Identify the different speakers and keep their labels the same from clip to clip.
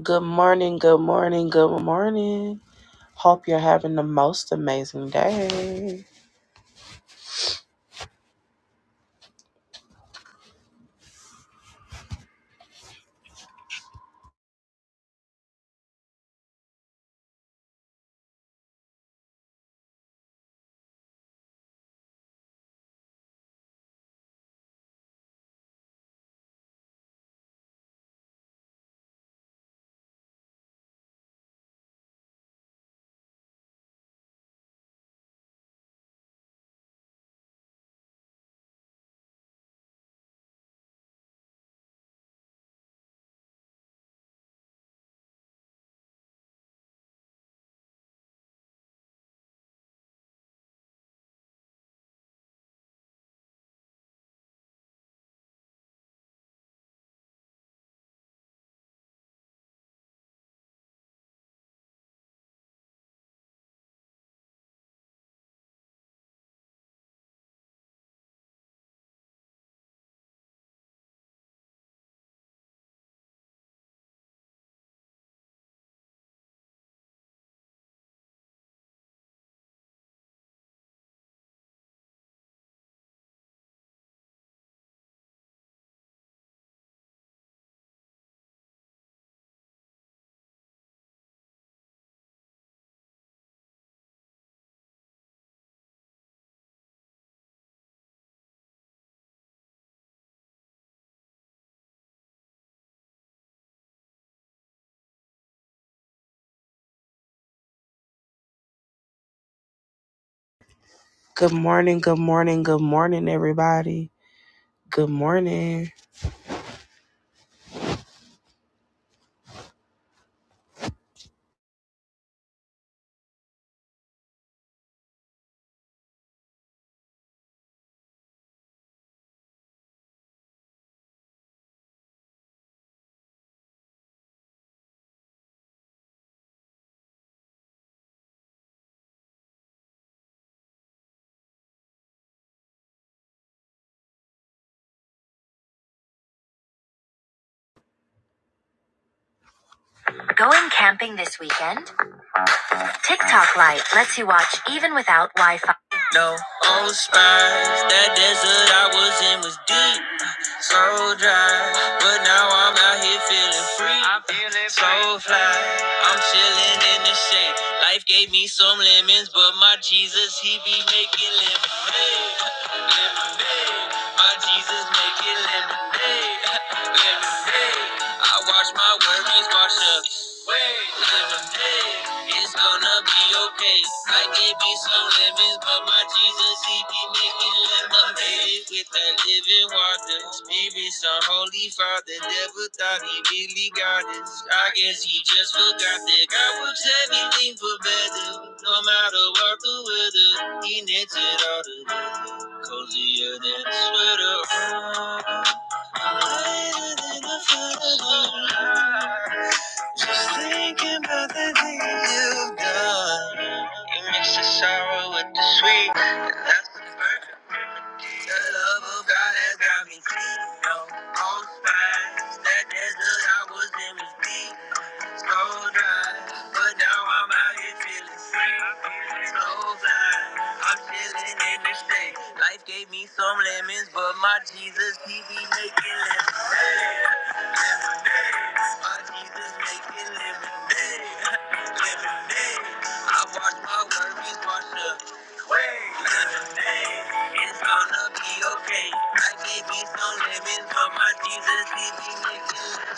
Speaker 1: Good morning, good morning, good morning. Hope you're having the most amazing day. Good morning, good morning, good morning, everybody. Good morning. Going camping this weekend? TikTok Lite lets you watch even without Wi Fi. No old spies, that desert I was in was deep, so dry. But now I'm out here feeling free, I'm feeling so fly. I'm chilling in the shade. Life gave me some lemons, but my Jesus, he be making lemonade. Lemonade, my Jesus making lemonade. Lemonade, I watch my worries wash up. Hey, It's gonna be okay. I gave me some lemons, but my Jesus, he be making lemonade with that living water. Spirit, some holy father, never thought he really got us. I guess he just forgot that God works everything for better. No matter what the weather, he knits it all together. Cozier than a sweater. Lighter than a feather. Just thinking about the things you've done. You mix the sorrow with the sweet. And that's the perfect. The love of God has got me clean. No, all signs that desert I was in was deep. So dry, but now I'm out here feeling free. So fly, I'm chilling in the shade. Life gave me some lemons, but my Jesus, he be making lemonade. Lemonade, my Jesus making lemonade. Lemonade, I watch my worries wash up. Wait, lemonade, it's gonna be okay. I gave me some lemons, but my Jesus, he be making lemonade.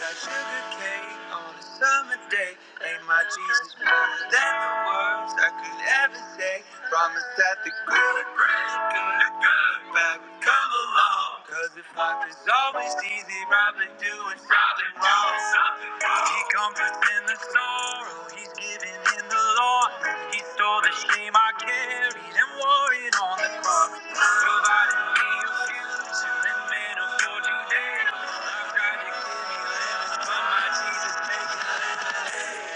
Speaker 1: That sugar cake on a summer day. Ain't my Jesus more than the words I could ever say. Promise that the good, great, good, good bad would come along. Cause if life is always easy, Robin doing something wrong. He comforts in the sorrow, he's given in the Lord. He stole the shame I carried and wore it on the cross. Provided me a future and manna for today. I tried to give you lemons, but my Jesus make it lemonade.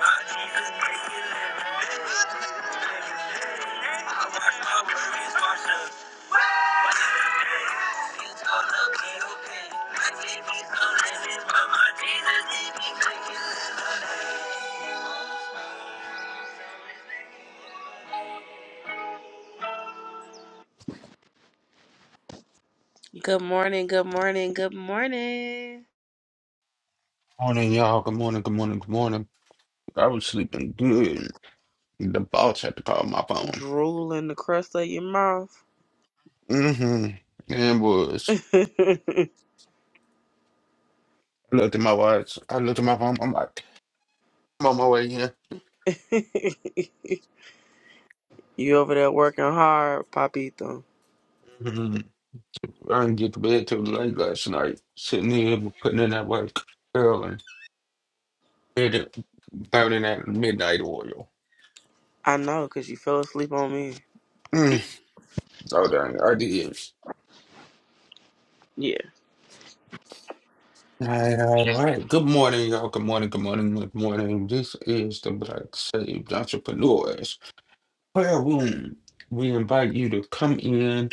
Speaker 1: My Jesus make it lemonade. My Jesus make it lemonade. I watch my worries wash away. You told me you paid. My Jesus, don't let me, but my Jesus, he be making Good morning, good morning, good morning.
Speaker 2: Morning, y'all. Good morning, good morning, good morning. I was sleeping good. The boss had to call my phone.
Speaker 1: Drool in the crust of your mouth.
Speaker 2: Mm-hmm. And was. I looked at my watch. I looked at my phone. I'm like, I'm on my way in.
Speaker 1: you over there working hard, Papito.
Speaker 2: hmm I didn't get to bed till late last night. Sitting here putting in that work early. Did it burning that midnight oil.
Speaker 1: I know, because you fell asleep on me.
Speaker 2: Mm. Oh dang, I did.
Speaker 1: Yeah.
Speaker 2: All right, all right, all right. Good morning, y'all. Good morning, good morning, good morning. This is the Black Saved Entrepreneurs. prayer room. We invite you to come in,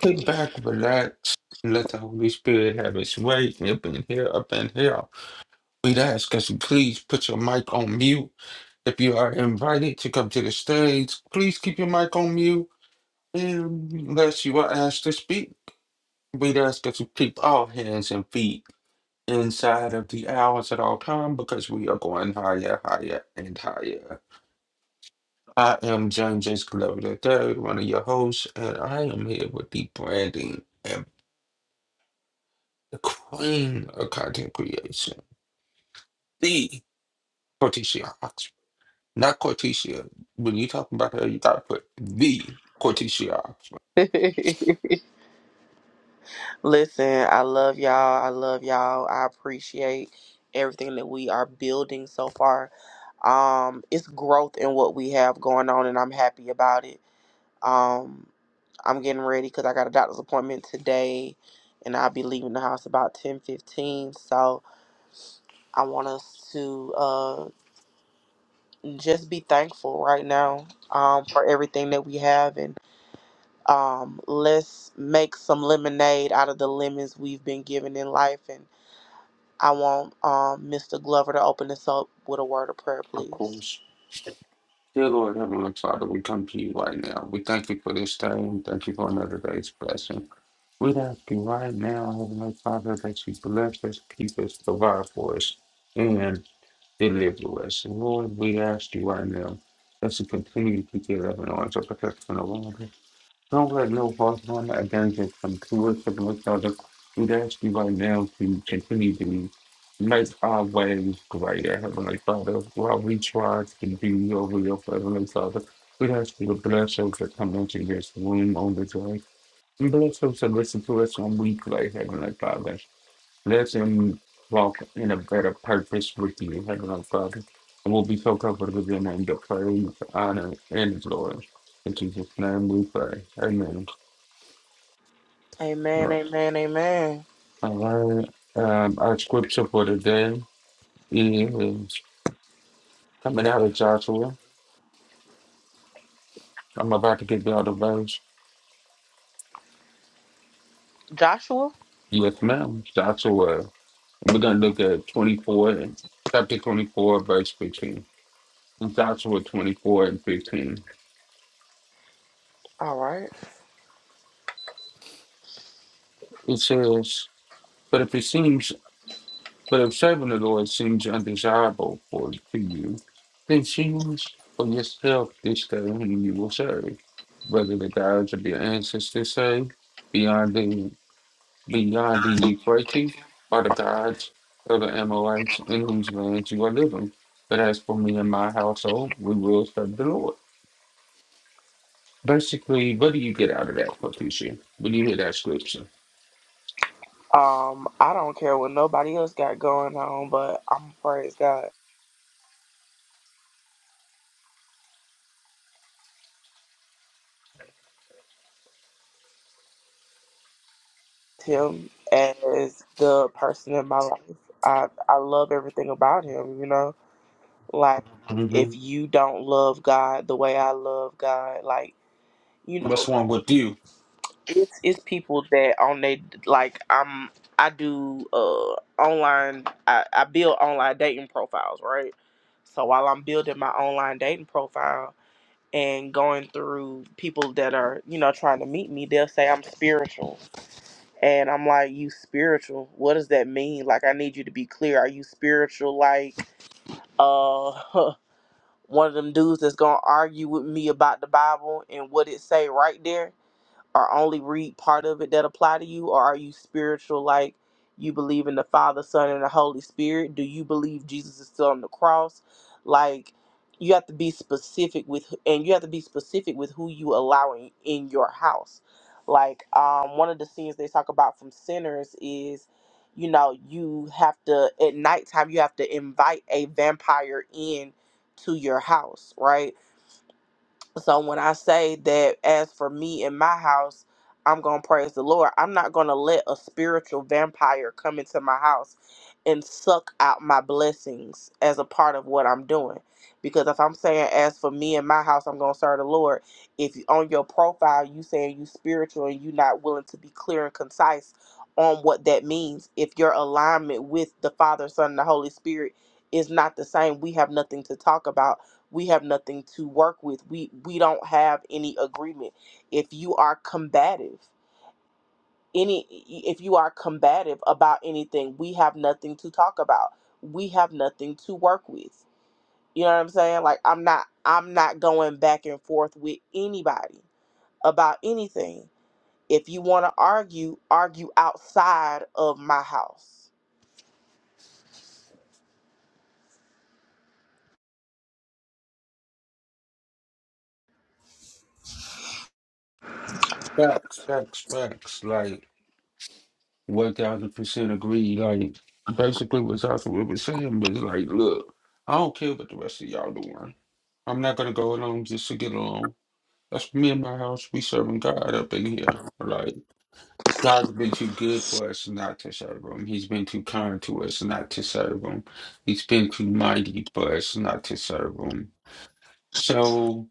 Speaker 2: kick back, relax, and let the Holy Spirit have its way up in here, up in here. We'd ask us to please put your mic on mute. If you are invited to come to the stage, please keep your mic on mute unless you are asked to speak. We'd ask us to keep all hands and feet inside of the hours at all time because we are going higher, higher, and higher. I am John James Glover III, one of your hosts, and I am here with the branding and the queen of content creation, the Corticia Oxford. Not Corticia. When you talking about her, you gotta put the Corticia Oxford.
Speaker 1: Listen, I love y'all. I love y'all. I appreciate everything that we are building so far. Um, it's growth in what we have going on, and I'm happy about it. Um, I'm getting ready because I got a doctor's appointment today, and I'll be leaving the house about ten fifteen. So I want us to uh, just be thankful right now um, for everything that we have, and um, let's make some lemonade out of the lemons we've been given in life. And I want um, Mr. Glover to open us up with a word of prayer,
Speaker 2: Of
Speaker 1: please.
Speaker 2: course. Dear Lord, Heavenly Father, we come to you right now. We thank you for this day. and Thank you for another day's blessing. We ask you right now, Heavenly Father, that you bless us, keep us, provide for us. and deliver us. And Lord, we ask you right now as you continue to keep your loving arms of protection around us. Don't let no harm, harm, or no danger come to us and with others. we ask you right now to continue to make our ways greater, Heavenly Father, while we try to do your will, Heavenly Father. we ask you to bless those that come into this room on the day. And bless those that listen to us on replay, Heavenly Father. Let him walk in a better purpose with you, Heavenly Father. And we'll be so comfortable in your name, the praise, honor, and glory. In Jesus' name we pray. Amen.
Speaker 1: Amen,
Speaker 2: Yeah.
Speaker 1: amen, amen.
Speaker 2: All right. Um, our scripture for today is coming out of Joshua. I'm about to give y'all the verse.
Speaker 1: Joshua?
Speaker 2: Yes, ma'am. Joshua. We're going to look at 24, chapter 24, verse 15. Joshua 24 and 15.
Speaker 1: All right.
Speaker 2: It says, But if it seems But if serving the Lord seems undesirable for to you, then choose for yourself this day whom you will serve, whether the gods of your ancestors served beyond the beyond the Euphrates or the gods of the Amorites in whose lands you are living. But as for me and my household, we will serve the Lord. Basically, what do you get out of that, Patricia? When you hear that scripture,
Speaker 1: Um, I don't care what nobody else got going on, but I'm praise God. Him as the person in my life. I I love everything about him, you know? Like
Speaker 2: hmm
Speaker 1: if you don't love God the way I love God, like, you know,
Speaker 2: what's wrong with you?
Speaker 1: it's it's people that on they like I'm I do uh online I, I build online dating profiles, right? So while I'm building my online dating profile and going through people that are, you know, trying to meet me, they'll say I'm spiritual. And I'm like, you spiritual? What does that mean? Like I need you to be clear. Are you spiritual like uh one of them dudes that's gonna argue with me about the Bible and what it say right there? or only read part of it that apply to you or are you spiritual like you believe in the father son and the holy spirit do you believe jesus is still on the cross like you have to be specific with and you have to be specific with who you allow in, in your house like um one of the scenes they talk about from sinners is you know you have to at nighttime you have to invite a vampire in to your house right so when I say that as for me in my house, I'm going to praise the Lord, I'm not going to let a spiritual vampire come into my house and suck out my blessings as a part of what I'm doing. Because if I'm saying as for me in my house, I'm going to serve the Lord, if you, on your profile you saying you spiritual and you not willing to be clear and concise on what that means, if your alignment with the Father, Son, and the Holy Spirit is not the same, we have nothing to talk about we have nothing to work with we we don't have any agreement if you are combative any if you are combative about anything we have nothing to talk about we have nothing to work with you know what i'm saying like i'm not i'm not going back and forth with anybody about anything if you want to argue argue outside of my house
Speaker 2: Facts, facts, facts. Like One thousand percent agree. Like basically what Joshua was saying was like, look, I don't care what the rest of y'all doing. I'm not gonna go along just to get along. That's me and my house. We serving God up in here. Like God's been too good for us not to serve Him. He's been too kind to us not to serve Him. He's been too mighty for us not to serve Him. So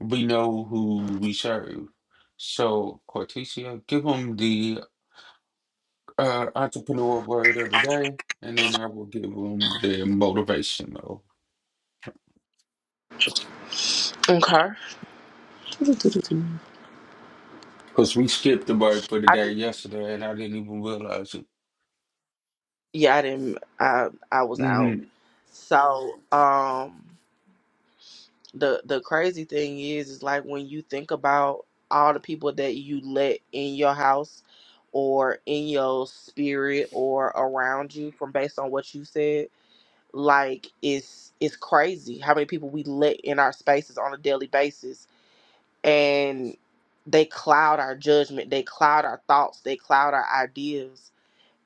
Speaker 2: we know who we serve. So Cortesia, give him the uh, entrepreneur of word of the day, and then I will give them the motivational.
Speaker 1: okay
Speaker 2: Because we skipped the word for the
Speaker 1: i
Speaker 2: day
Speaker 1: just
Speaker 2: yesterday, and I didn't even realize it.
Speaker 1: yeah i didn't i i was out
Speaker 2: Mm-hmm.
Speaker 1: so um the the crazy thing is is like when you think about all the people that you let in your house or in your spirit or around you from based on what you said like it's it's crazy how many people we let in our spaces on a daily basis and they cloud our judgment they cloud our thoughts they cloud our ideas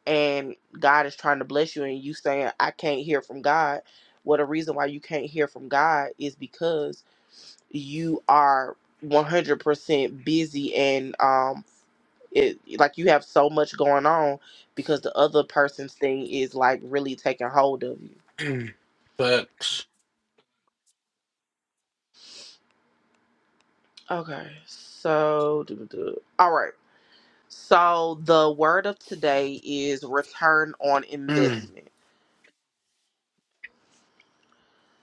Speaker 1: and God is trying to bless you and you saying I can't hear from God. Well, the reason why you can't hear from God is because you are 100% busy and um it like you have so much going on because the other person's thing is like really taking hold of you.
Speaker 2: Facts.
Speaker 1: Okay. So duh, duh, duh. all right. So the word of today is return on
Speaker 2: Mm.
Speaker 1: investment.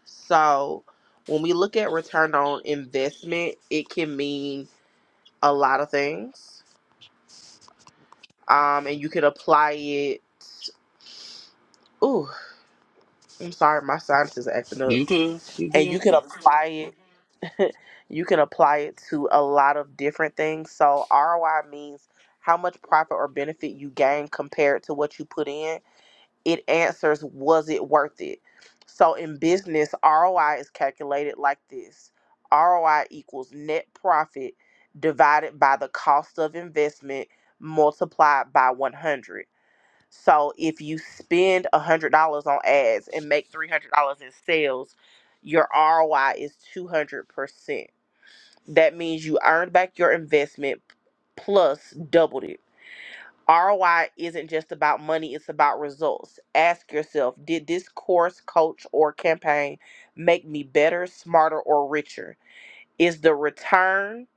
Speaker 1: So when we look at return on investment, it can mean a lot of things. Um, and you could apply it. Ooh, I'm sorry, my sinuses are acting up.
Speaker 2: You good? You
Speaker 1: And you
Speaker 2: good?
Speaker 1: can apply it. you can apply it to a lot of different things. So ROI means how much profit or benefit you gain compared to what you put in it answers was it worth it so in business roi is calculated like this roi equals net profit divided by the cost of investment multiplied by 100 so if you spend $100 on ads and make $300 in sales your roi is 200% that means you earned back your investment plus doubled it ROI isn't just about money, it's about results. Ask yourself Did this course, coach, or campaign make me better, smarter, or richer? Is the return,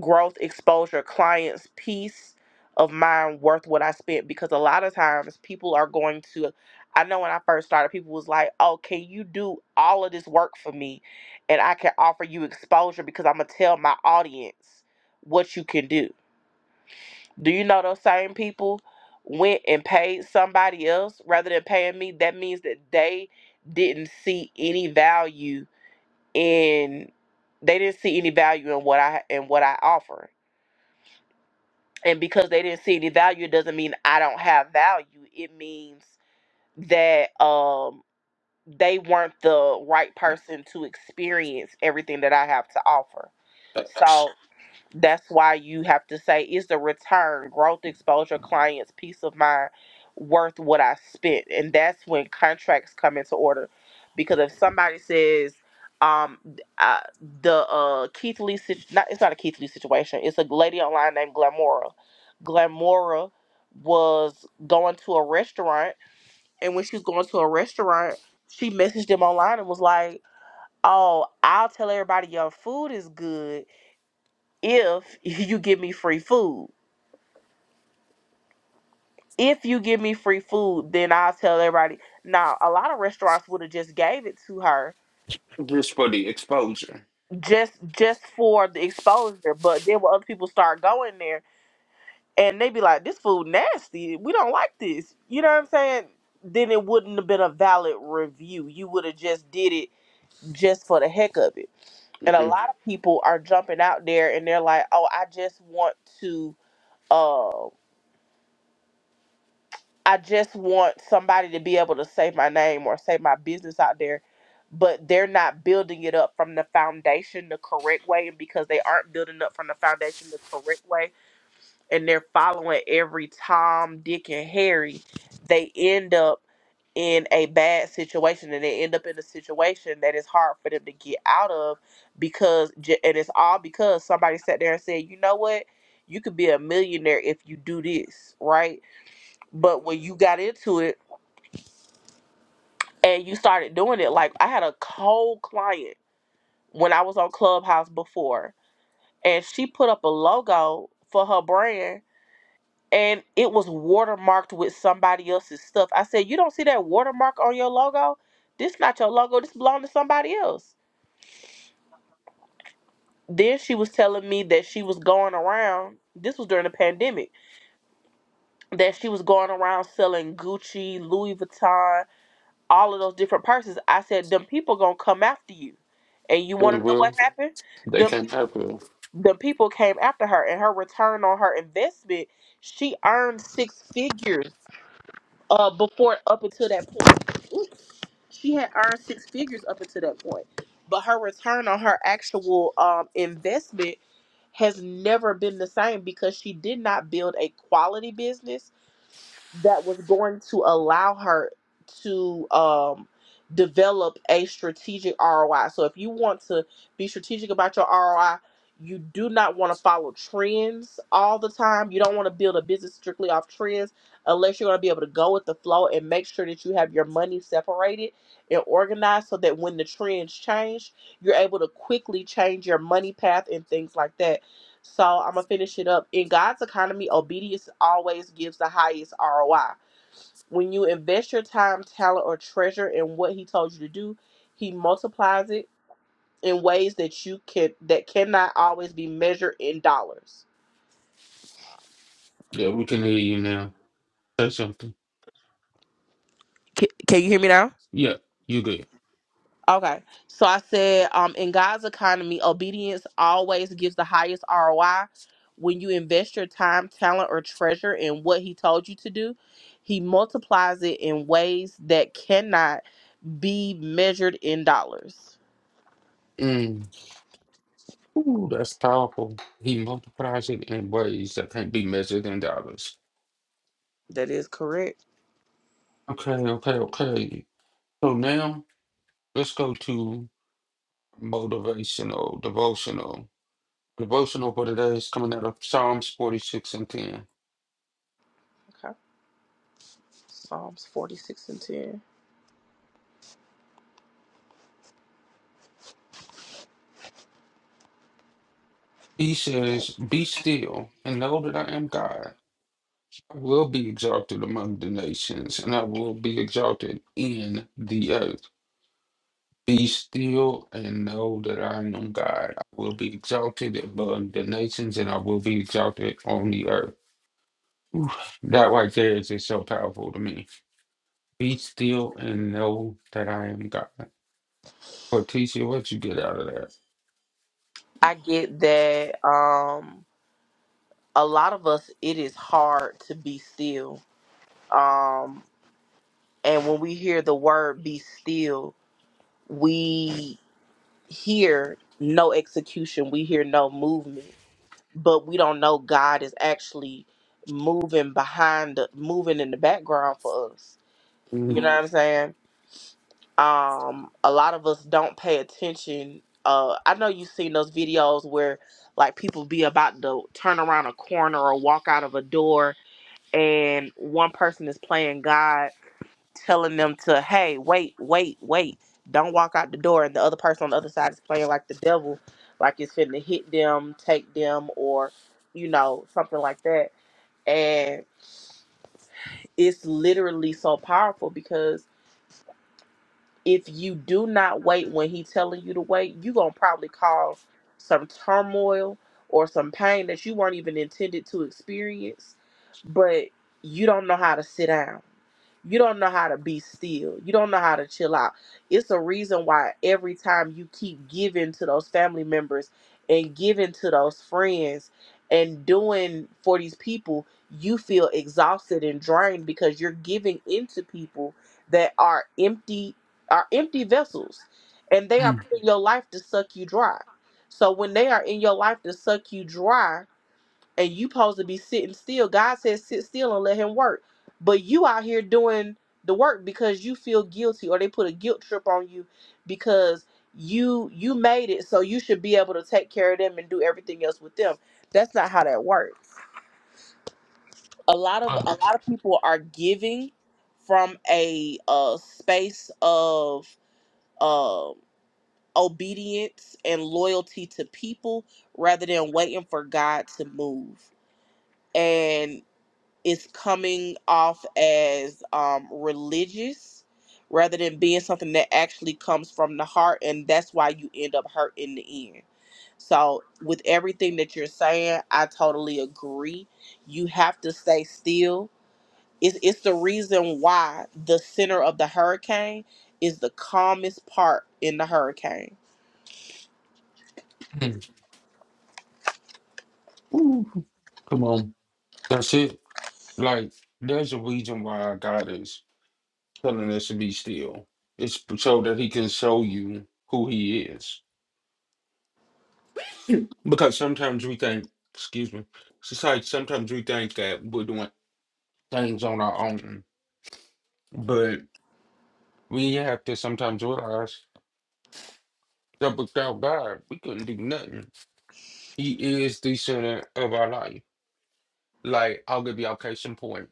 Speaker 1: growth, exposure, clients, peace of mind worth what I spent? Because a lot of times people are going to, I know when I first started, people was like, Oh, can you do all of this work for me? And I can offer you exposure because I'm going to tell my audience what you can do do you know those same people went and paid somebody else rather than paying me? That means that they didn't see any value in they didn't see any value in what I in what I offer. And because they didn't see any value, it doesn't mean I don't have value. It means that um they weren't the right person to experience everything that I have to offer. So
Speaker 2: Facts.
Speaker 1: that's why you have to say is the return growth exposure clients peace of mind worth what i spent and that's when contracts come into order because if somebody says um th- uh, the uh keith lee situ- not, it's not a keith lee situation it's a lady online named glamora glamora was going to a restaurant and when she was going to a restaurant she messaged them online and was like oh i'll tell everybody your food is good if you give me free food. If you give me free food, then I'll tell everybody. Now, a lot of restaurants would have just gave it to her
Speaker 2: Just for the exposure.
Speaker 1: just just for the exposure. But then when other people start going there and they be like, This food nasty. We don't like this. You know what I'm saying? Then it wouldn't have been a valid review. You would have just did it just for the heck of it. And a
Speaker 2: hmm
Speaker 1: lot of people are jumping out there and they're like, Oh, I just want to um I just want somebody to be able to say my name or say my business out there, but they're not building it up from the foundation the correct way. And because they aren't building up from the foundation the correct way and they're following every Tom, Dick, and Harry, they end up in a bad situation and they end up in a situation that is hard for them to get out of because j- and it's all because somebody sat there and said you know what you could be a millionaire if you do this right but when you got into it and you started doing it, like I had a cold client when I was on Clubhouse before, and she put up a logo for her brand and it was watermarked with somebody else's stuff. I said, You don't see that watermark on your logo? This not your logo, this belong to somebody else. Then she was telling me that she was going around, this was during the pandemic, that she was going around selling Gucci, Louis Vuitton, all of those different persons. I said, them people gonna come after you. And you wanna
Speaker 2: And
Speaker 1: know what
Speaker 2: well,
Speaker 1: happened?
Speaker 2: they
Speaker 1: Them
Speaker 2: can't help it.
Speaker 1: them people came after her and her return on her investment, she earned six figures uh before up until that point. Ooh, She had earned six figures up until that point. But her return on her actual um investment has never been the same because she did not build a quality business that was going to allow her to um, develop a strategic ROI. So if you want to be strategic about your ROI, you do not want to follow trends all the time. You don't want to build a business strictly off trends unless you're going to be able to go with the flow and make sure that you have your money separated and organized so that when the trends change, you're able to quickly change your money path and things like that so I'm gonna finish it up. In God's economy, obedience always gives the highest ROI. When you invest your time, talent, or treasure in what He told you to do, He multiplies it in ways that you can that cannot always be measured in dollars.
Speaker 2: Yeah, we can hear you now. Say something.
Speaker 1: Can, can you hear me now?
Speaker 2: Yeah, you good.
Speaker 1: Okay. So I said, um, in God's economy, obedience always gives the highest ROI. When you invest your time, talent, or treasure in what He told you to do, He multiplies it in ways that cannot be measured in dollars.
Speaker 2: Mm. Ooh, that's powerful. He multiplies it in ways that can't be measured in dollars.
Speaker 1: That is correct.
Speaker 2: Okay, okay, okay. So now Let's go to motivational, devotional. Devotional for today is coming out of Psalms 46 and 10.
Speaker 1: Okay. Psalms 46 and 10.
Speaker 2: He says, Be still and know that I am God. I will be exalted among the nations and I will be exalted in the earth. Be still and know that I am God. I will be exalted above the nations and I will be exalted on the earth. Oof, that right there is just so powerful to me. Be still and know that I am God. Leticia, what you get out of that?
Speaker 1: I get that um a lot of us it is hard to be still. Um and when we hear the word be still, we hear no execution, we hear no movement, but we don't know God is actually moving behind moving in the background for us. You
Speaker 2: Mm,
Speaker 1: know what I'm saying? um a lot of us don't pay attention uh i know you've seen those videos where like people be about to turn around a corner or walk out of a door and one person is playing god telling them to hey wait wait wait don't walk out the door and the other person on the other side is playing like the devil like it's finna hit them take them or you know something like that and it's literally so powerful because. if you do not wait when he's telling you to wait, you're gonna probably cause some turmoil or some pain that you weren't even intended to experience, but you don't know how to sit down. You don't know how to be still. You don't know how to chill out. It's a reason why every time you keep giving to those family members and giving to those friends and doing for these people, you feel exhausted and drained because you're giving into people that are empty are empty vessels and they are
Speaker 2: mm,
Speaker 1: put in your life to suck you dry. So when they are in your life to suck you dry and you supposed to be sitting still, God says sit still and let him work. But you out here doing the work because you feel guilty or they put a guilt trip on you because you you made it so you should be able to take care of them and do everything else with them. That's not how that works. A lot of
Speaker 2: uh,
Speaker 1: a lot of people are giving from a uh space of um obedience and loyalty to people rather than waiting for God to move. And it's coming off as um, religious rather than being something that actually comes from the heart. And that's why you end up hurt in the end. So, with everything that you're saying, I totally agree. You have to stay still. It's, it's the reason why the center of the hurricane is the calmest part in the hurricane
Speaker 2: mm. Ooh, Come on. That's it. Like, there's a reason why God is telling us to be still. It's so that he can show you who he is. Because sometimes we think, excuse me, society. sometimes we think that we're doing things on our own. But we have to sometimes realize that without God, we couldn't do nothing. He is the center of our life. Like, I'll give y'all case in point.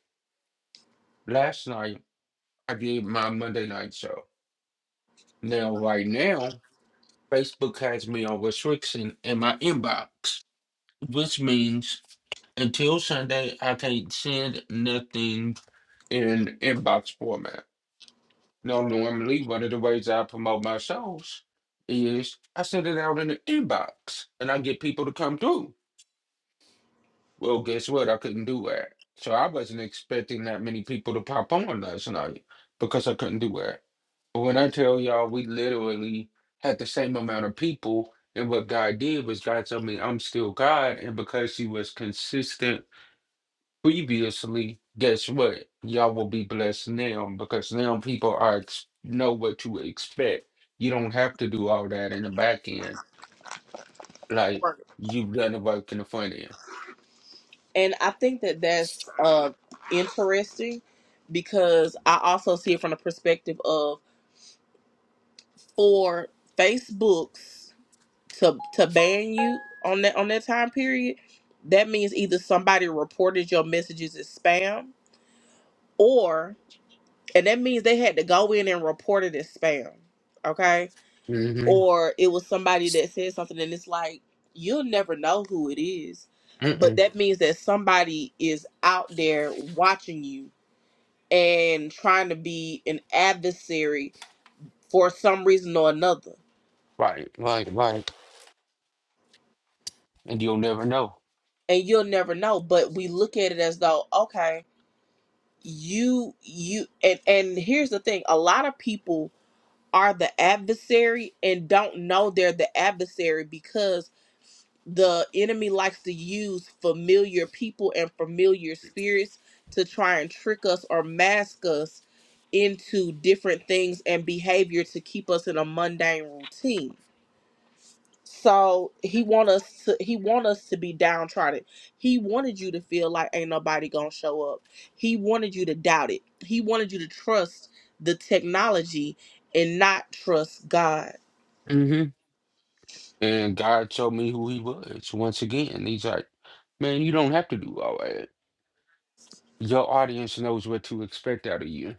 Speaker 2: Last night, I did my Monday night show. Now, right now, Facebook has me on restriction in my inbox, which means until Sunday, I can't send nothing in inbox format. Now, normally, one of the ways I promote my shows is I send it out in the inbox and I get people to come through. Well, guess what? I couldn't do that. So I wasn't expecting that many people to pop on last night because I couldn't do that. But when I tell y'all, we literally had the same amount of people. And what God did was God told me, I'm still God. And because He was consistent previously, guess what? Y'all will be blessed now because now people are ex- know what to expect. You don't have to do all that in the back end. Like you've done the work in the front
Speaker 1: And I think that that's uh, interesting because I also see it from the perspective of for Facebook's to to ban you on that on that time period. That means either somebody reported your messages as spam, or and that means they had to go in and report it as spam, okay?
Speaker 2: end.
Speaker 1: Or it was somebody that said something, and it's like you'll never know who it is,
Speaker 2: hmm
Speaker 1: but that means that somebody is out there watching you and trying to be an adversary for some reason or another
Speaker 2: Right, right, right. And you'll never know.
Speaker 1: and you'll never know but we look at it as though okay you you and and here's the thing a lot of people are the adversary and don't know they're the adversary because the enemy likes to use familiar people and familiar spirits to try and trick us or mask us into different things and behavior to keep us in a mundane routine So he want us to he want us to be downtrodden. He wanted you to feel like ain't nobody gonna show up. He wanted you to doubt it. He wanted you to trust the technology and not trust God.
Speaker 2: hmm And God showed me who he was once again. He's like, man, you don't have to do all that. Your audience knows what to expect out of you.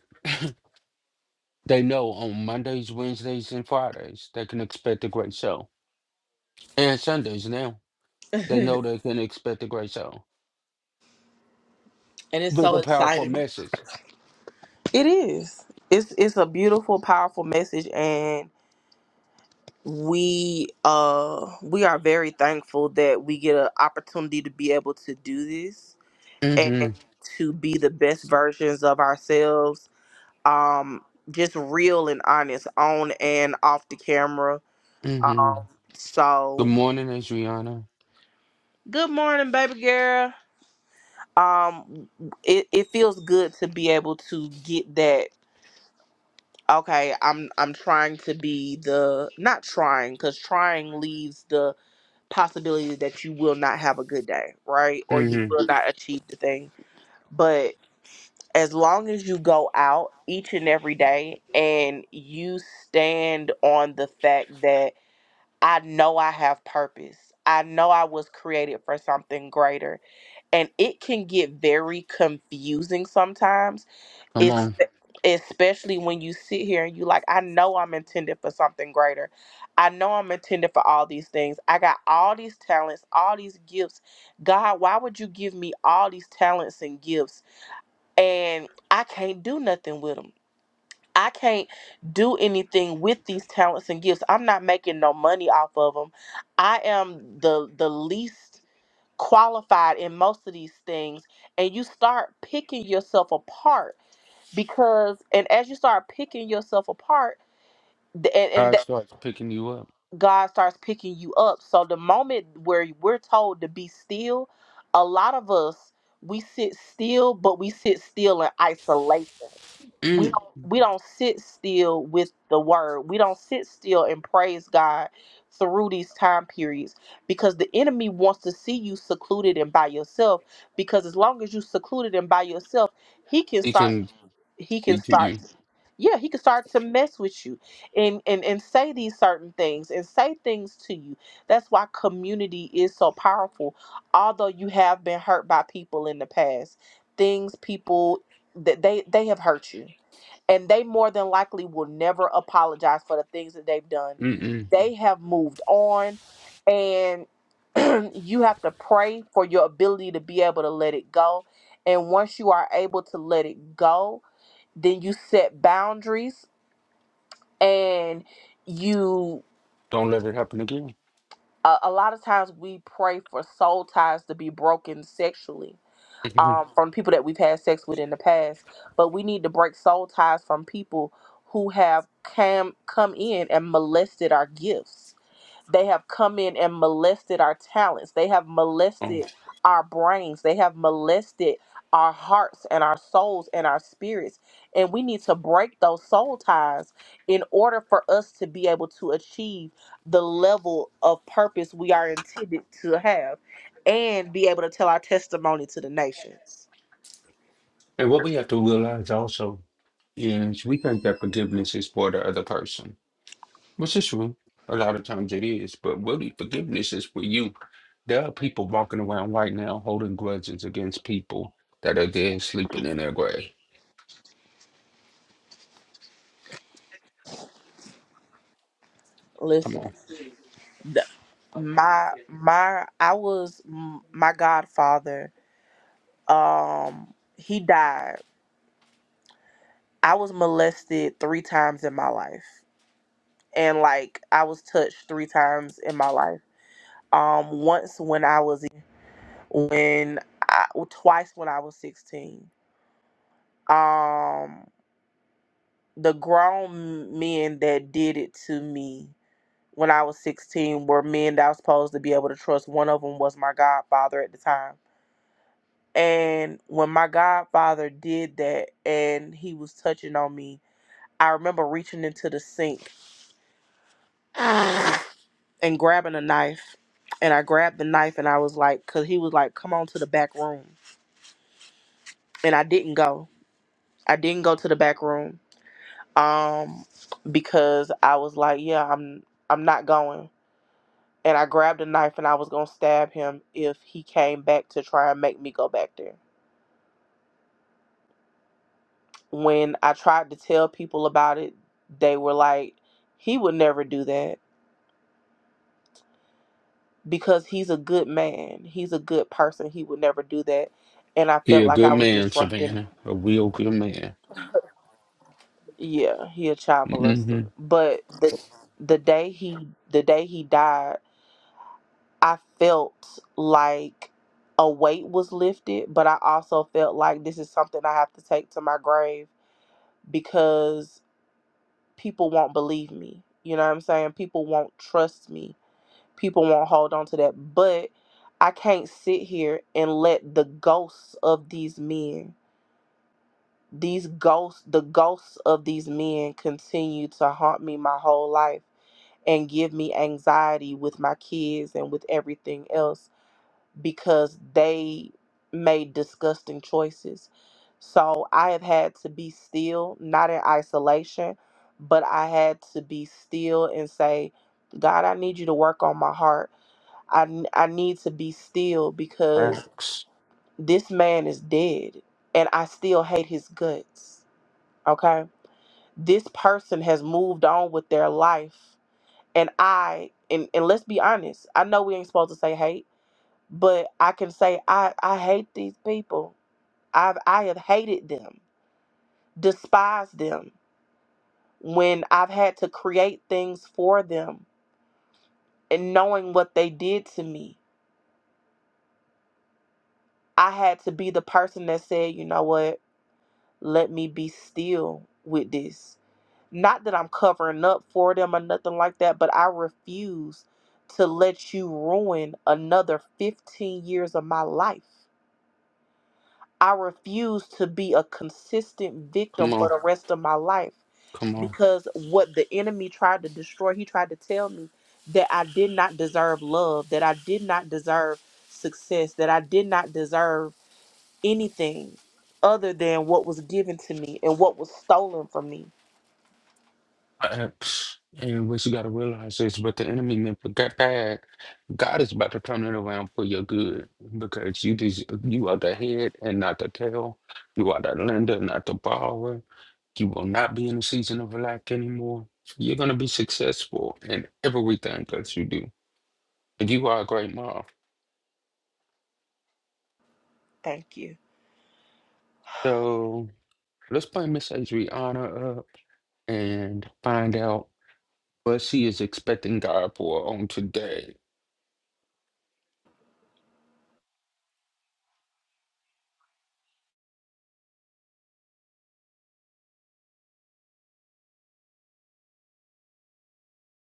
Speaker 2: They know on Mondays, Wednesdays, and Fridays, they can expect a great show. And Sundays now, they know they can expect a great show
Speaker 1: And it's
Speaker 2: with
Speaker 1: so
Speaker 2: a powerful
Speaker 1: exciting.
Speaker 2: message.
Speaker 1: It is. It's it's a beautiful, powerful message and we uh we are very thankful that we get an opportunity to be able to do this and
Speaker 2: Mm
Speaker 1: to be the best versions of ourselves um just real and honest on and off the camera
Speaker 2: hmm. Mm hmm.
Speaker 1: um
Speaker 2: Good
Speaker 1: so
Speaker 2: morning, Adriana.
Speaker 1: good morning baby girl um it, it feels good to be able to get that okay i'm i'm trying to be the not trying because trying leaves the possibility that you will not have a good day right or
Speaker 2: Mm
Speaker 1: you
Speaker 2: hmm.
Speaker 1: will Mhm. not achieve the thing but as long as you go out each and every day and you stand on the fact that I know I have purpose. I know I was created for something greater. And it can get very confusing sometimes,
Speaker 2: Come
Speaker 1: It's
Speaker 2: on.
Speaker 1: especially when you sit here and you like, I know I'm intended for something greater. I know I'm intended for all these things. I got all these talents, all these gifts. God, why would you give me all these talents and gifts and I can't do nothing with them? I can't do anything with these talents and gifts. I'm not making no money off of them. I am the the least qualified in most of these things and you start picking yourself apart because and as you start picking yourself apart th- and, and
Speaker 2: God
Speaker 1: that
Speaker 2: starts picking you up.
Speaker 1: God starts picking you up. So the moment where we're told to be still, a lot of us we sit still, but we sit still in isolation we don't
Speaker 2: Mm.
Speaker 1: we don't sit still with the word. We don't sit still and praise God through these time periods because the enemy wants to see you secluded and by yourself. Because as long as you secluded and by yourself, he can
Speaker 2: He
Speaker 1: start
Speaker 2: can
Speaker 1: he can
Speaker 2: speak to
Speaker 1: start yeah, he can start to mess with you and, and and say these certain things and say things to you. That's why community is so powerful. Although you have been hurt by people in the past, things people that they they have hurt you and they more than likely will never apologize for the things that they've done.
Speaker 2: you.
Speaker 1: They have moved on, and you have to pray for your ability to be able to let it go. And once you are able to let it go, then you set boundaries and you.
Speaker 2: Don't let it happen again.
Speaker 1: A a lot of times we pray for soul ties to be broken sexually
Speaker 2: Mhm.
Speaker 1: um, from people that we've had sex with in the past. But we need to break soul ties from people who have cam- come in and molested our gifts they have come in and molested our talents. They have
Speaker 2: Um,
Speaker 1: molested our brains. They have molested our hearts and our souls and our spirits. And we need to break those soul ties in order for us to be able to achieve the level of purpose we are intended to have and be able to tell our testimony to the nations.
Speaker 2: and what we have to realize also is we think that forgiveness is for the other person, which is true. A lot of times it is, but really, forgiveness is for you. There are people walking around right now holding grudges against people that are dead sleeping in their grave. Come
Speaker 1: Listen,
Speaker 2: on.
Speaker 1: my my I was mm, my godfather. Um he died I was molested three times in my life. And like I was touched three times in my life. Um once when I was when I well, twice when I was 16. Um the grown men that did it to me when I was 16 were men that I was supposed to be able to trust. One of them was my godfather at the time. And when my godfather did that and he was touching on me, I remember reaching into the sink and grabbing a knife. And I grabbed the knife and I was like, cause he was like, come on to the back room. And I didn't go. I didn't go to the back room. Um, because I was like, yeah, I'm I'm not going. And I grabbed a knife and I was gonna stab him if he came back to try and make me go back there. When I tried to tell people about it, they were like, he would never do that because he's a good man. He's a good person. He would never do that. And I felt
Speaker 2: You're a
Speaker 1: like
Speaker 2: good
Speaker 1: I was
Speaker 2: man,
Speaker 1: disrupting
Speaker 2: Savannah. A real good man.
Speaker 1: Yeah, he a child
Speaker 2: Mm-hmm.
Speaker 1: molester. But the the day he the day he died, I felt like a weight was lifted, but I also felt like this is something I have to take to my grave because people won't believe me. You know what I'm saying? People won't trust me. People won't hold on to that. But I can't sit here and let the ghosts of these men these ghosts the ghosts of these men continue to haunt me my whole life and give me anxiety with my kids and with everything else because they made disgusting choices. So I have had to be still, not in isolation, but I had to be still and say, God, I need you to work on my heart. I, n- I need to be still because
Speaker 2: Facts.
Speaker 1: this man is dead and I still hate his guts. Okay. This person has moved on with their life and I and, and let's be honest, I know we ain't supposed to say hate, but I can say I I hate these people. I've I have hated them, despised them when I've had to create things for them and knowing what they did to me. I had to be the person that said, you know what, let me be still with this. Not that I'm covering up for them or nothing like that, but I refuse to let you ruin another 15 years of my life I refuse to be a consistent
Speaker 2: Come
Speaker 1: victim for
Speaker 2: on.
Speaker 1: the rest of my life
Speaker 2: Come on.
Speaker 1: because what the enemy tried to destroy, he tried to tell me that I did not deserve love, that I did not deserve success, that I did not deserve anything other than what was given to me and what was stolen from me.
Speaker 2: Uh, And what you got to realize is, but the enemy meant for that bad. God is about to turn it around for your good because you des- you are the head and not the tail. You are the lender, not the borrower. You will not be in a season of lack anymore. You're going to be successful in everything that you do. And you are a great mom.
Speaker 1: Thank you.
Speaker 2: So let's bring Miss Adriana up and find out what she is expecting God for on today.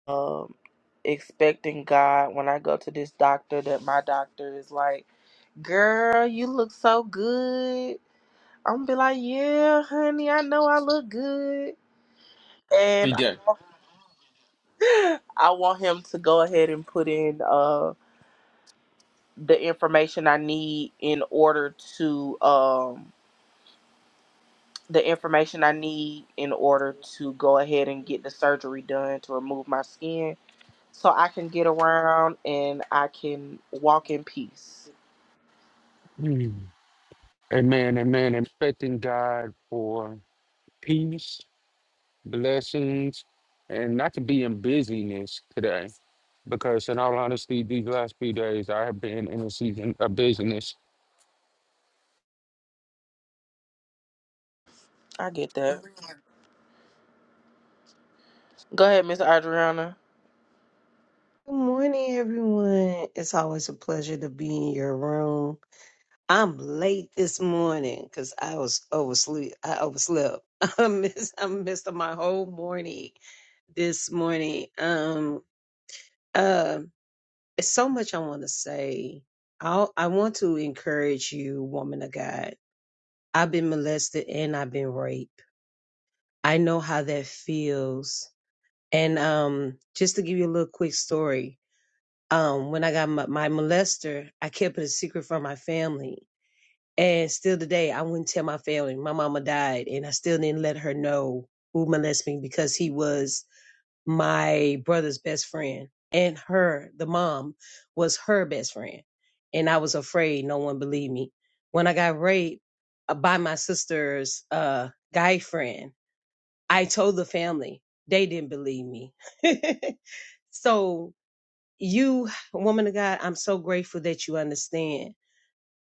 Speaker 1: Um expecting God when I go to this doctor that my doctor is like, "Girl, you look so good." I'm gonna be like, yeah, honey, I know I look good,
Speaker 2: We
Speaker 1: and I I want him to go ahead and put in uh the information I need in order to um the information I need in order to go ahead and get the surgery done to remove my skin so I can get around and I can walk in peace.
Speaker 2: done. Amen, amen. Expecting God for peace, blessings, and not to be in busyness today. Because in all honesty, these last few days I have been in a season of busyness.
Speaker 1: I get that. Go ahead, Miss Adriana.
Speaker 3: Good morning, everyone. It's always a pleasure to be in your room. I'm late this morning because I was oversleep. I overslept. I missed, I missed my whole morning this morning. Um, uh, it's so much I want to say. I I want to encourage you, woman of God. I've been molested and I've been raped. I know how that feels. And um, just to give you a little quick story, um, when I got my, my molester, I kept it a secret from my family. And still today, I wouldn't tell my family. My mama died, and I still didn't let her know who molested me because he was my brother's best friend. And her, the mom, was her best friend. And I was afraid no one believed me. When I got raped uh, by my sister's uh, guy friend, I told the family. They didn't believe me. so you woman of god i'm so grateful that you understand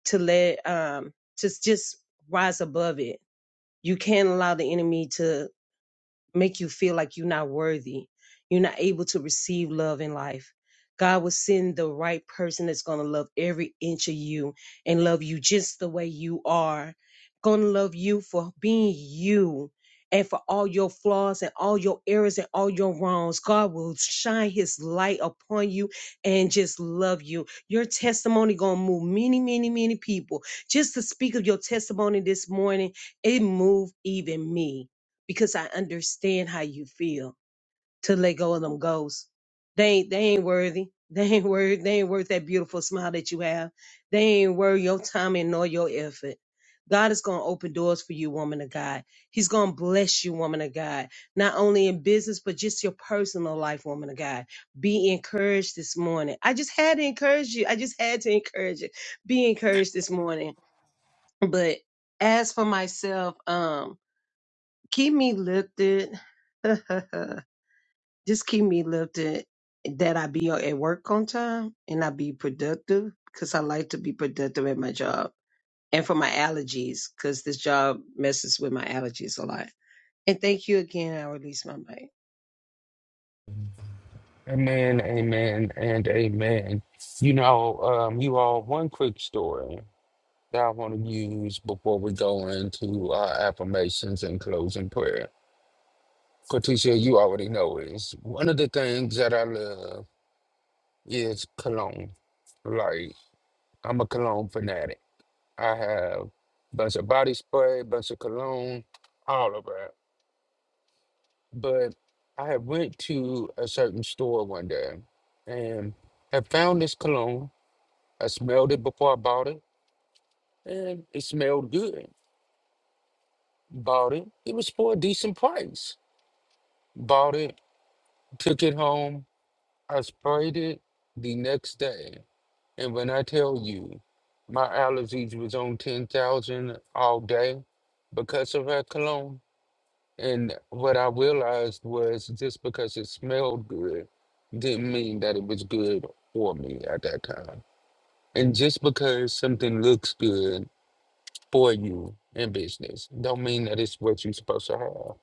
Speaker 3: to let um to just rise above it you can't allow the enemy to make you feel like you're not worthy. You're not able to receive love in life. God will send the right person that's going to love every inch of you and love you just the way you are. Going to love you for being you and for all your flaws and all your errors and all your wrongs. God will shine his light upon you and just love you. Your testimony going to move many, many, many people. Just to speak of your testimony this morning, it moved even me because I understand how you feel to let go of them ghosts. They ain't they ain't worthy. They ain't worth they ain't worth that beautiful smile that you have. They ain't worth your time and nor your effort. God is gonna open doors for you, woman of God. He's gonna bless you, woman of God, not only in business, but just your personal life, woman of God. Be encouraged this morning. I just had to encourage you. I just had to encourage you. Be encouraged this morning. But as for myself, um keep me lifted. Just keep me lifted that I be at work on time and I be productive because I like to be productive at my job and for my allergies because this job messes with my allergies a lot. And thank you again. I release my mic.
Speaker 2: Amen, amen, and amen. You know, um, you all, one quick story that I want to use before we go into our affirmations and closing prayer. Corticia, you already know is one of the things that I love is cologne. like. I'm a cologne fanatic. I have bunch of body spray, bunch of cologne, all of that. But I had went to a certain store one day and had found this cologne. I smelled it before I bought it, and it smelled good. Bought it. It was for a decent price. Bought it, took it home. I sprayed it the next day. And when I tell you, my allergies was on 10,000 all day because of that cologne, And what I realized was just because it smelled good didn't mean that it was good for me at that time. And just because something looks good for you in business don't mean that it's what you're supposed to have.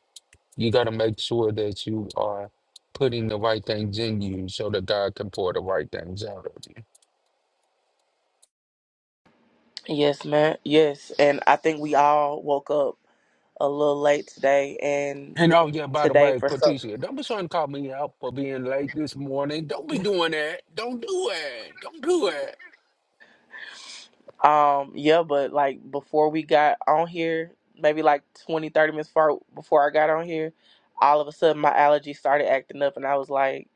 Speaker 2: You got to make sure that you are putting the right things in you so that God can pour the right things out of you.
Speaker 1: Yes, ma'am. Yes, and I think we all woke up a little late today and
Speaker 2: And oh yeah, by the
Speaker 1: today
Speaker 2: way,
Speaker 1: for so-
Speaker 2: Cortesia, don't be trying to call me out for being late this morning. Don't be doing that. Don't do it. Don't do
Speaker 1: um yeah but like before we got on here maybe like 20, 30 minutes far before i got on here all of a sudden my allergies started acting up and i was like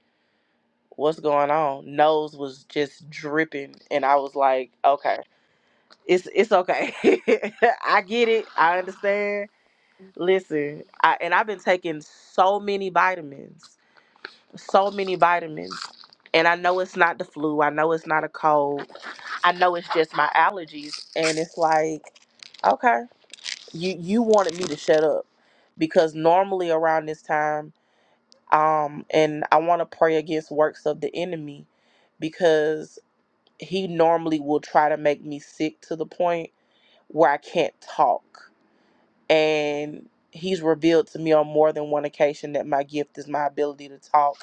Speaker 1: what's going on nose was just dripping and i was like okay it's it's okay i get it i understand listen I, and i've been taking so many vitamins so many vitamins. And I know it's not the flu. I know it's not a cold. I know it's just my allergies. And it's like, okay, you you wanted me to shut up because normally around this time, um, and I want to pray against works of the enemy because he normally will try to make me sick to the point where I can't talk. And he's revealed to me on more than one occasion that my gift is my ability to talk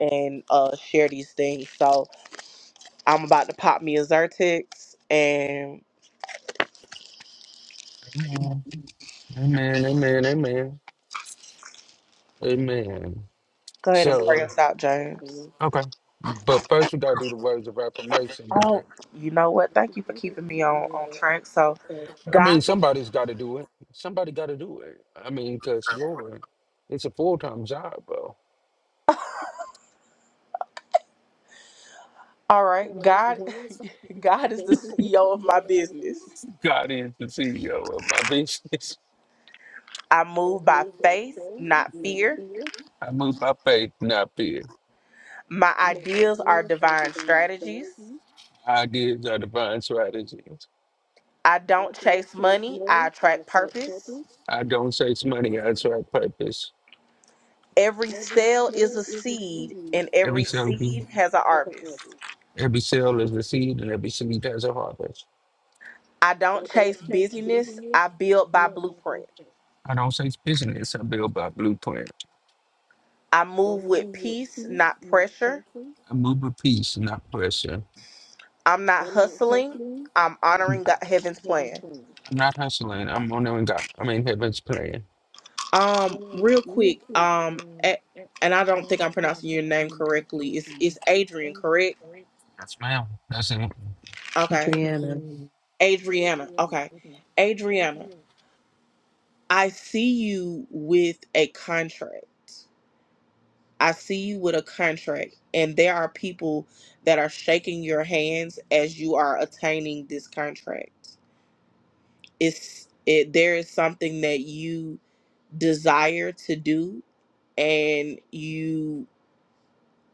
Speaker 1: and uh, share these things. So I'm about to pop me a Zyrtex and
Speaker 2: it. Amen, amen, amen, amen.
Speaker 1: go ahead and pray
Speaker 2: So,
Speaker 1: us out, James.
Speaker 2: okay. But first, we got to do the words of affirmation today.
Speaker 1: Oh, you know what? Thank you for keeping me on on track. So,
Speaker 2: I
Speaker 1: God,
Speaker 2: mean, somebody's got to do it. Somebody got to do it. I mean, because, Lord, it's a full time job, bro.
Speaker 1: all right, God, God is the CEO of my business.
Speaker 2: God is the CEO of my business.
Speaker 1: I move by faith, not fear.
Speaker 2: I move by faith, not fear.
Speaker 1: My ideas are divine strategies.
Speaker 2: Ideas are divine strategies.
Speaker 1: I don't chase money. I attract purpose.
Speaker 2: I don't chase money, I attract purpose.
Speaker 1: Every sale is a seed, and
Speaker 2: Every
Speaker 1: every
Speaker 2: cell, be,
Speaker 1: seed has a harvest.
Speaker 2: every cell is a seed, and every seed has a harvest.
Speaker 1: I don't chase busyness. I build by blueprint.
Speaker 2: I don't chase business, I build by blueprint.
Speaker 1: I move with peace, not pressure.
Speaker 2: I move with peace, not pressure.
Speaker 1: I'm not hustling. I'm
Speaker 2: I'm,
Speaker 1: honoring God, heaven's plan.
Speaker 2: I'm not hustling. I'm on there and God. I'm in heaven's plan.
Speaker 1: Um, real quick. Um, a- and I don't think I'm pronouncing your name correctly. It's it's Adrian, correct?
Speaker 2: Yes, ma'am. That's it.
Speaker 1: Okay,
Speaker 3: Adriana,
Speaker 1: Adriana. Okay, Adriana. I see you with a contract. I see you with a contract, and there are people that are shaking your hands as you are attaining this contract. It's it, there is something that you desire to do, and you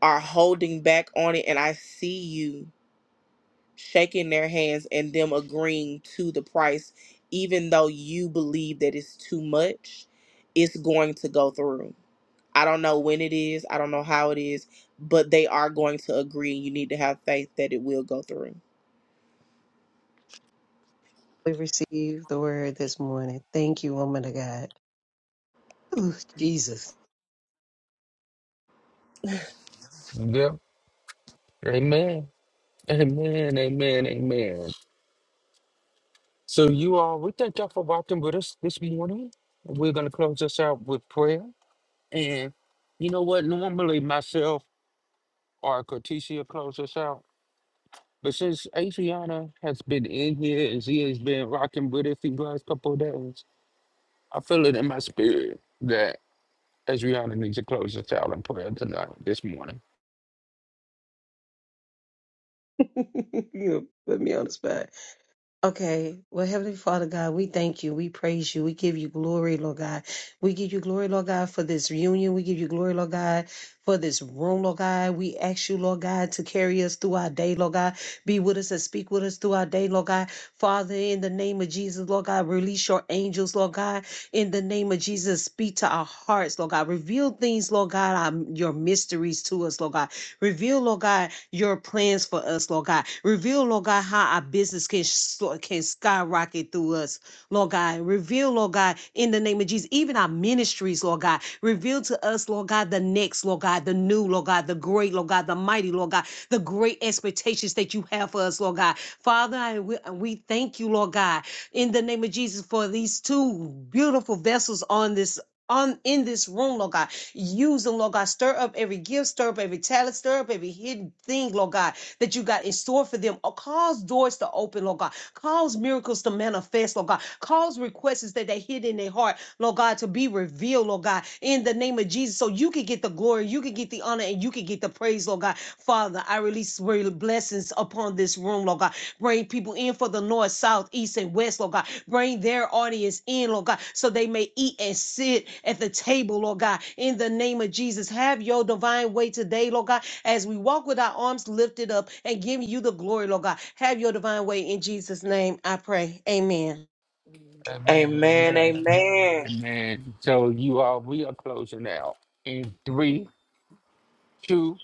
Speaker 1: are holding back on it. And I see you shaking their hands and them agreeing to the price, even though you believe that it's too much. It's going to go through I don't know when it is, I don't know how it is, but they are going to agree. You need to have faith that it will go through.
Speaker 3: we received the word this morning. Thank you, woman of God. Ooh, Jesus.
Speaker 2: Yep. Amen. Amen. Amen. Amen. So you all, we thank y'all for walking with us this morning. We're gonna close us out with prayer. And you know what? Normally myself or Corticia close us out. But since Adriana has been in here and she has been rocking with us these last couple of days, I feel it in my spirit that Adriana needs to close us out in prayer tonight, this morning.
Speaker 3: you put me on the spot. Okay. Well, Heavenly Father God, we thank you. We praise you. We give you glory, Lord God. We give you glory, Lord God, for this reunion. We give you glory, Lord God, for this room, Lord God. We ask you, Lord God, to carry us through our day, Lord God. Be with us and speak with us through our day, Lord God. Father, in the name of Jesus, Lord God, release your angels, Lord God. In the name of Jesus, speak to our hearts, Lord God. Reveal things, Lord God, our, your mysteries to us, Lord God. Reveal, Lord God, your plans for us, Lord God. Reveal, Lord God, how our business can, so- can skyrocket through us, Lord God. Reveal, Lord God, in the name of Jesus, even our ministries, Lord God. Reveal to us, Lord God, the next, Lord God, the new, Lord God, the great, Lord God, the mighty, Lord God, the great expectations that you have for us, Lord God. Father, I, we, we thank you, Lord God, in the name of Jesus for these two beautiful vessels on this on in this room, Lord God. Use them, Lord God. Stir up every gift, stir up every talent, stir up every hidden thing, Lord God that you got in store for them. Oh, cause doors to open, Lord God. Cause miracles to manifest, Lord God. Cause requests that they hid in their heart, Lord God, to be revealed, Lord God, in the name of Jesus. So you can get the glory, you can get the honor, and you can get the praise, Lord God. Father, I release real blessings upon this room, Lord God. Bring people in for the north, south, east, and west, Lord God. Bring their audience in, Lord God, so they may eat and sit at the table, Lord God. In the name of Jesus, have your divine way today, Lord God as we walk with our arms lifted up and giving you the glory, Lord God. Have your divine way in Jesus' name, I pray. Amen.
Speaker 2: Amen,
Speaker 1: Amen.
Speaker 2: amen,
Speaker 1: Amen.
Speaker 2: amen. So you all, we are closing out in three, two,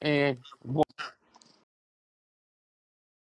Speaker 2: and